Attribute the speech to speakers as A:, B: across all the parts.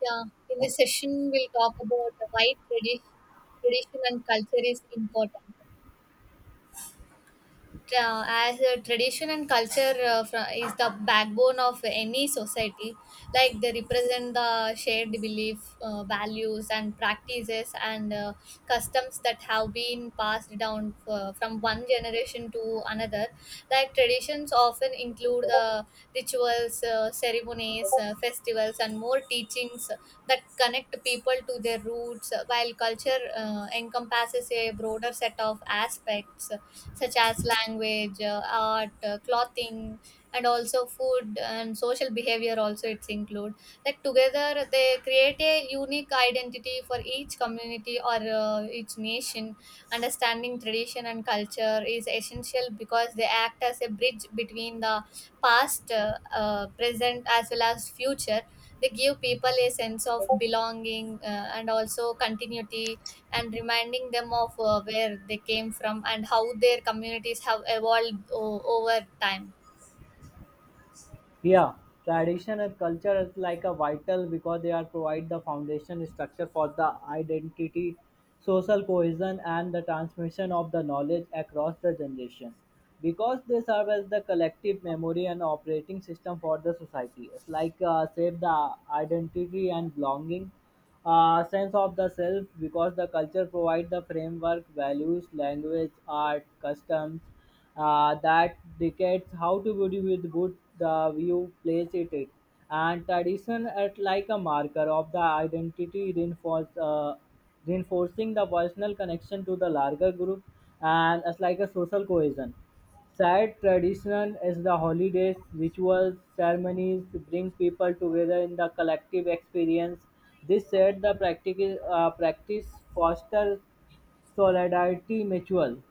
A: Yeah, in this session, we'll talk about why tradition and culture is important, as a tradition and culture, is the backbone of any society. Like they represent the shared belief, values and practices, and customs that have been passed down, from one generation to another. Like traditions often include rituals, ceremonies, festivals and more teachings that connect people to their roots, while culture encompasses a broader set of aspects such as language, art, clothing, and also food and social behavior. Also, it's include, like together they create a unique identity for each community or, each nation. Understanding tradition and culture is essential because they act as a bridge between the past, present, as well as future. They give people a sense of belonging, and also continuity, and reminding them of, where they came from and how their communities have evolved over time.
B: Yeah, tradition and culture is like a vital because they are provide the foundation structure for the identity, social cohesion, and the transmission of the knowledge across the generation. Because they serve as the collective memory and operating system for the society. It's like save the identity and belonging, sense of the self because the culture provide the framework, values, language, art, customs that dictates how to beauty with good the view place it is. And tradition at like a marker of the identity reinforce, reinforcing the personal connection to the larger group and as like a social cohesion. Sad tradition is the holidays, rituals, ceremonies bring people together in the collective experience. This said, the practice fosters solidarity mutual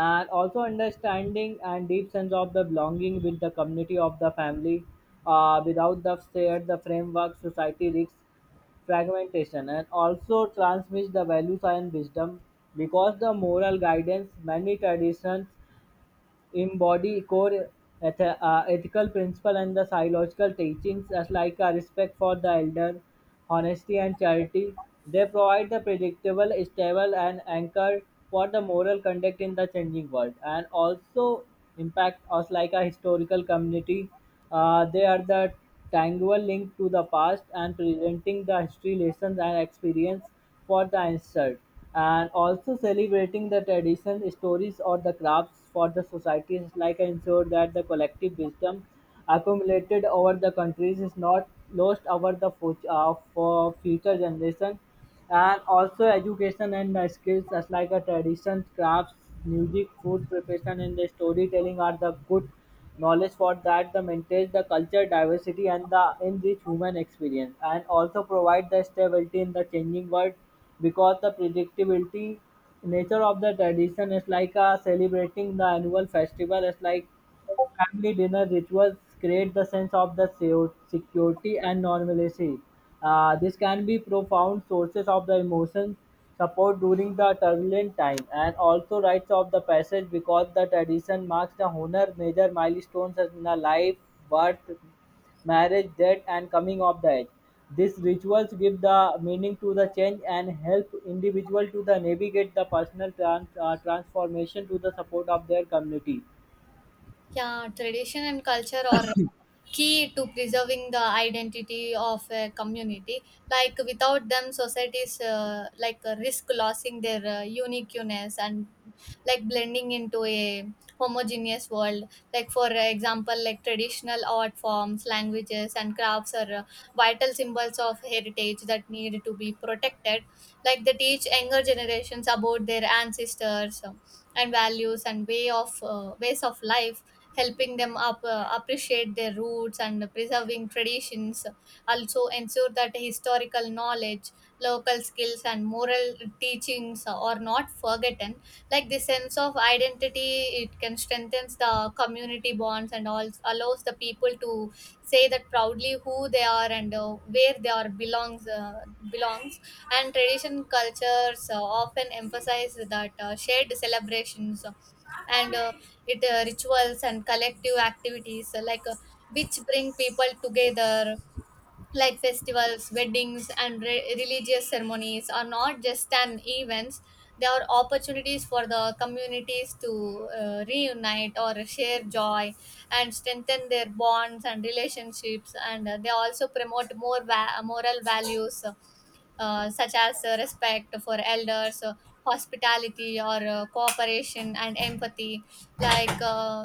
B: and also understanding and deep sense of the belonging with the community of the family without the shared the framework society risks fragmentation and also transmits the values and wisdom because the moral guidance many traditions embody core ethical principle and the psychological teachings as like a respect for the elder, honesty and charity. They provide the predictable, stable and anchor for the moral conduct in the changing world and also impact us like a historical community. They are the tangible link to the past and presenting the history lessons and experience for the insult, and also celebrating the tradition, stories, or the crafts for the societies, like ensure that the collective wisdom accumulated over the countries is not lost over the for future generation and also education and the skills as like a tradition crafts music food preparation and the storytelling are the good knowledge for that the maintains the culture diversity and the enrich human experience and also provide the stability in the changing world because the predictability nature of the tradition is like a celebrating the annual festival is like family dinner rituals create the sense of the security and normalcy. This can be profound sources of the emotion support during the turbulent time and also rites of the passage because the tradition marks the honor major milestones in the life, birth, marriage, death, and coming of the age. These rituals give the meaning to the change and help individual to the navigate the personal transformation to the support of their community.
A: Yeah, tradition and culture are key to preserving the identity of a community. Like without them, societies, risk losing their, uniqueness and like blending into a homogeneous world. Like for example, like traditional art forms, languages, and crafts are, vital symbols of heritage that need to be protected. Like they teach younger generations about their ancestors, and values and way of, ways of life, helping them up, appreciate their roots and preserving traditions. Also, ensure that historical knowledge, local skills, and moral teachings are not forgotten. Like the sense of identity, it can strengthen the community bonds and all allows the people to say that proudly who they are and, where they are belongs, and tradition cultures, often emphasize that, shared celebrations and, it rituals and collective activities, which bring people together, like festivals, weddings and religious ceremonies are not just an events, they are opportunities for the communities to, reunite or share joy and strengthen their bonds and relationships. And they also promote more moral values, such as, respect for elders, hospitality, or cooperation and empathy. Like uh, uh,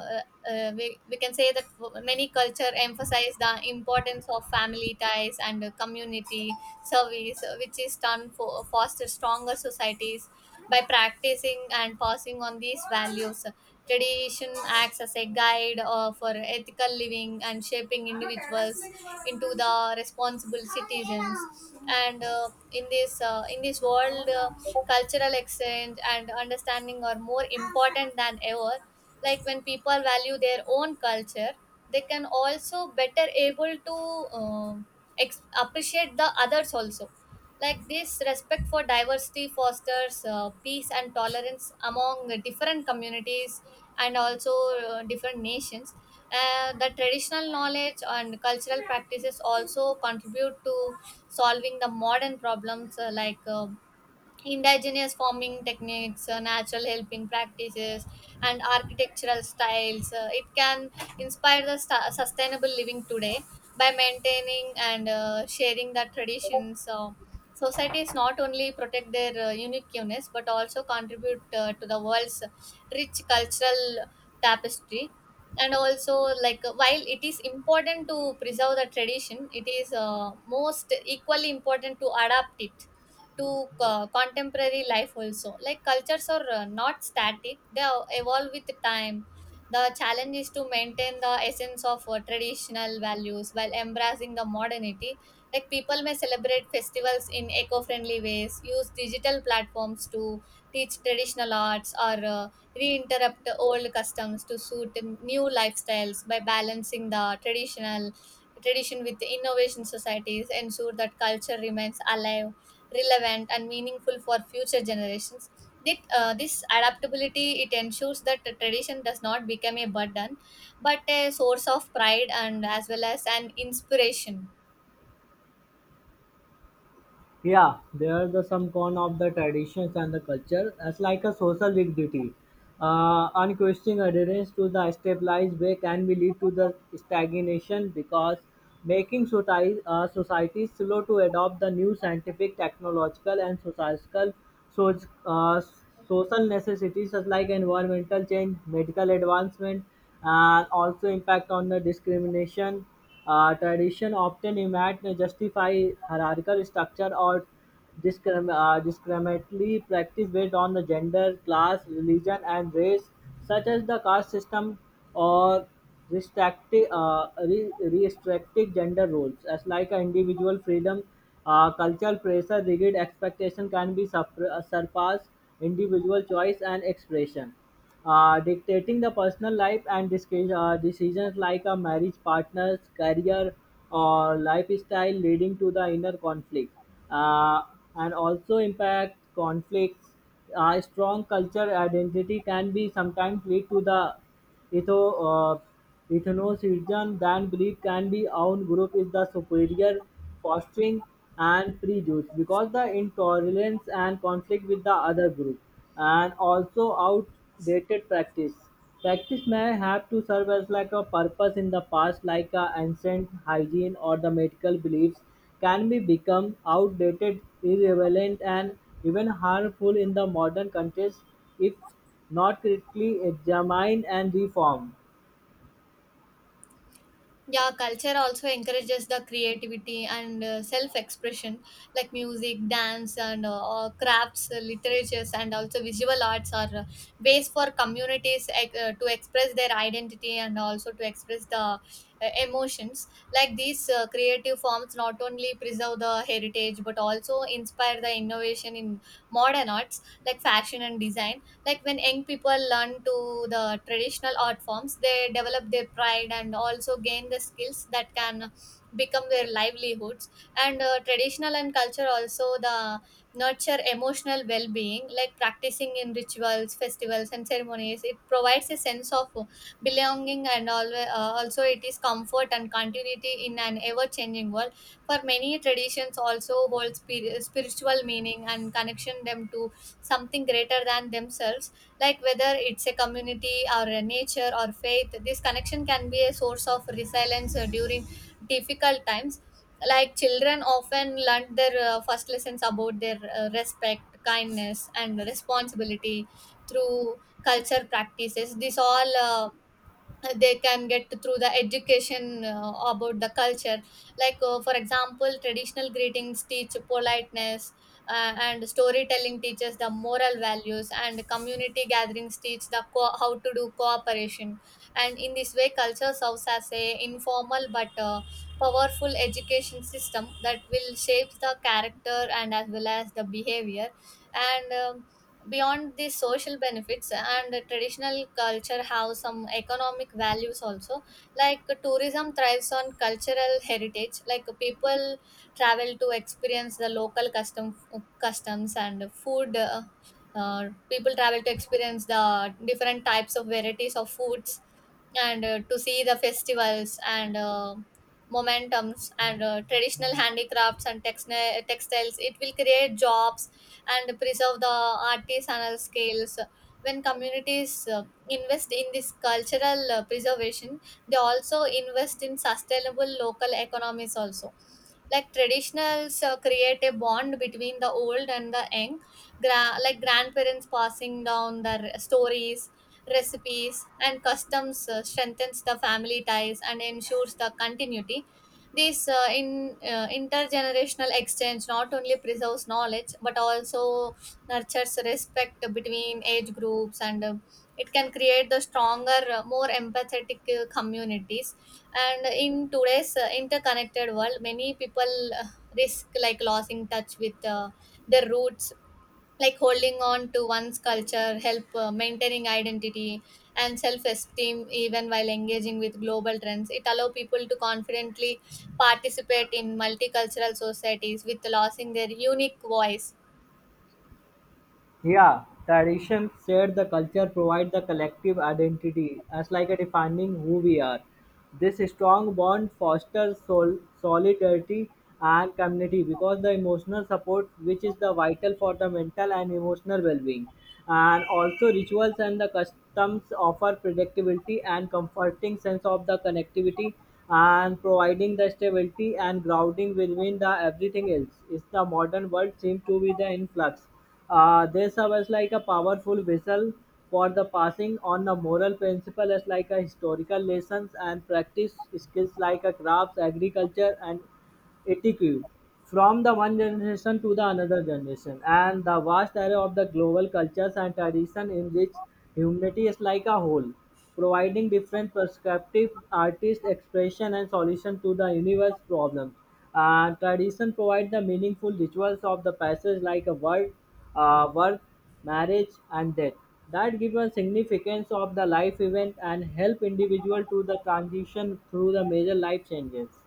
A: we can say that many culture emphasize the importance of family ties and, community service, which is done for foster stronger societies by practicing and passing on these values. Tradition acts as a guide, for ethical living and shaping individuals into the responsible citizens. And in this world, cultural exchange and understanding are more important than ever. Like when people value their own culture, they can also better able to, um appreciate the others also. Like this respect for diversity fosters, peace and tolerance among different communities and also, different nations. The traditional knowledge and cultural practices also contribute to solving the modern problems, indigenous farming techniques, natural helping practices, and architectural styles. It can inspire the sustainable living today by maintaining and, sharing the traditions. Societies not only protect their, uniqueness, but also contribute, to the world's rich cultural tapestry. And also, while it is important to preserve the tradition, it is, most equally important to adapt it to contemporary life also. Like cultures are, not static, they are- evolve with time. The challenge is to maintain the essence of, traditional values while embracing the modernity. Like people may celebrate festivals in eco-friendly ways, use digital platforms to teach traditional arts, or reinterrupt old customs to suit new lifestyles. By balancing the traditional tradition with innovation, societies ensure that culture remains alive, relevant and meaningful for future generations. This adaptability, it ensures that the tradition does not become a burden, but a source of pride and as well as an inspiration.
B: Yeah, there are the some con of the traditions and the culture as like a social rigidity. Unquestioning adherence to the stabilized way can be lead to the stagnation because making society slow to adopt the new scientific, technological, and societal so, uh, social necessities such like environmental change, medical advancement, and also impact on the discrimination tradition often might justify hierarchical structure or discriminatory practice based on the gender, class, religion, and race, such as the caste system or restrictive gender roles, as like a individual freedom, cultural pressure, rigid expectation can be surpassed individual choice and expression dictating the personal life and decisions like a marriage partner's career or lifestyle leading to the inner conflict uh, and also impact conflicts strong culture identity can be sometimes lead to the etho, uh, Ethno-Christian than belief can be own group is the superior, fostering and prejudice because the intolerance and conflict with the other group and also outdated practice. Practice may have to serve as like a purpose in the past, like a ancient hygiene or the medical beliefs can be become outdated, irrelevant, and even harmful in the modern context if not critically examined and reformed.
A: Yeah, culture also encourages the creativity and, self expression, like music, dance and, or crafts, literatures and also visual arts are, ways for communities to express their identity and also to express the, emotions. Like these, creative forms not only preserve the heritage, but also inspire the innovation in modern arts like fashion and design. Like when young people learn to the traditional art forms, they develop their pride and also gain the skills that can become their livelihoods. And traditional and culture also the nurture emotional well-being, like practicing in rituals, festivals and ceremonies, it provides a sense of belonging and always, also it is comfort and continuity in an ever-changing world. For many, traditions also hold spiritual meaning and connection them to something greater than themselves. Like whether it's a community, or a nature, or faith, this connection can be a source of resilience, during difficult times. Like children often learn their, first lessons about their, respect, kindness and responsibility through culture practices. This all They can get through the education, about the culture. For example, traditional greetings teach politeness, and storytelling teaches the moral values, and community gatherings teach the how to do cooperation. And in this way, culture serves as a informal but, powerful education system that will shape the character and as well as the behavior. And beyond the social benefits, and traditional culture have some economic values also, like tourism thrives on cultural heritage. Like people travel to experience the local customs and food. People travel to experience the different types of varieties of foods, and, to see the festivals and, momentums, and, traditional handicrafts and textiles. It will create jobs and preserve the artisanal skills. When communities, invest in this cultural, preservation, they also invest in sustainable local economies also. Like traditionals, create a bond between the old and the young. Like grandparents passing down the stories, recipes and customs, strengthens the family ties and ensures the continuity. This, in intergenerational exchange not only preserves knowledge, but also nurtures respect between age groups. And it can create the stronger, more empathetic, communities. And in today's, interconnected world, many people, risk like losing touch with, their roots. Like holding on to one's culture, help, maintaining identity and self-esteem even while engaging with global trends. It allow people to confidently participate in multicultural societies with losing their unique voice.
B: Yeah, tradition, said the culture, provide the collective identity as like a defining who we are. This strong bond fosters solidarity and community because the emotional support, which is the vital for the mental and emotional well-being, and also rituals and the customs offer predictability and comforting sense of the connectivity and providing the stability and grounding within the everything else. Is the modern world seem to be the influx they serve as like a powerful vessel for the passing on the moral principle as like a historical lessons and practice skills like a crafts, agriculture, and etiquette from the one generation to the another generation and the vast array of the global cultures and tradition in which humanity is like a whole providing different perspective artist expression and solution to the universe problems and tradition provide the meaningful rituals of the passage like a word birth marriage and death that give a significance of the life event and help individual to the transition through the major life changes.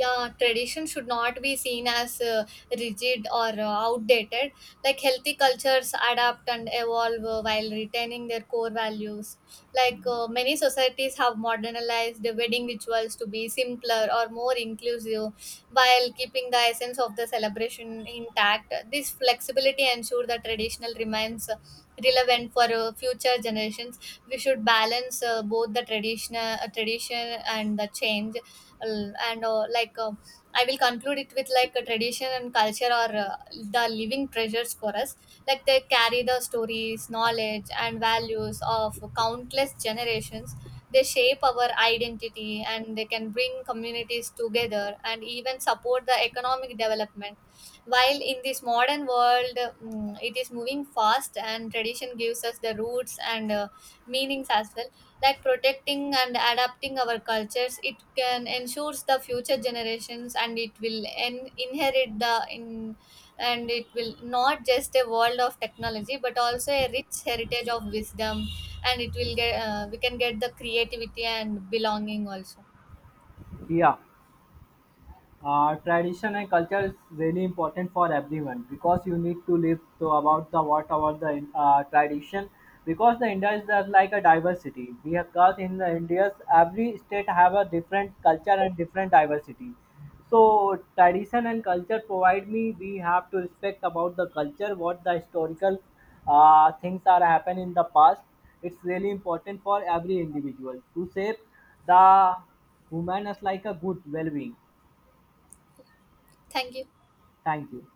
A: Yeah, tradition should not be seen as, rigid or, outdated. Like healthy cultures adapt and evolve, while retaining their core values. Many societies have modernized the wedding rituals to be simpler or more inclusive, while keeping the essence of the celebration intact. This flexibility ensures that traditional remains, relevant for, future generations. We should balance, both the traditional, tradition and the change. L- and like I will conclude it with, like a tradition and culture are, the living treasures for us. Like they carry the stories, knowledge and values of countless generations. They shape our identity and they can bring communities together and even support the economic development. While in this modern world, it is moving fast, and tradition gives us the roots and, meanings as well. Like protecting and adapting our cultures, it can ensures the future generations and it will inherit the in, and it will not just a world of technology but also a rich heritage of wisdom. And it will get, we can get the creativity and belonging also.
B: Yeah. Tradition and culture is really important for everyone because you need to live to about the what about the tradition because the India is the, like a diversity. We have got in the India's every state have a different culture and different diversity. So tradition and culture provide me we have to respect about the culture what the historical things are happen in the past. It's really important for every individual to shape the human as like a good well-being.
A: Thank you.
B: Thank you.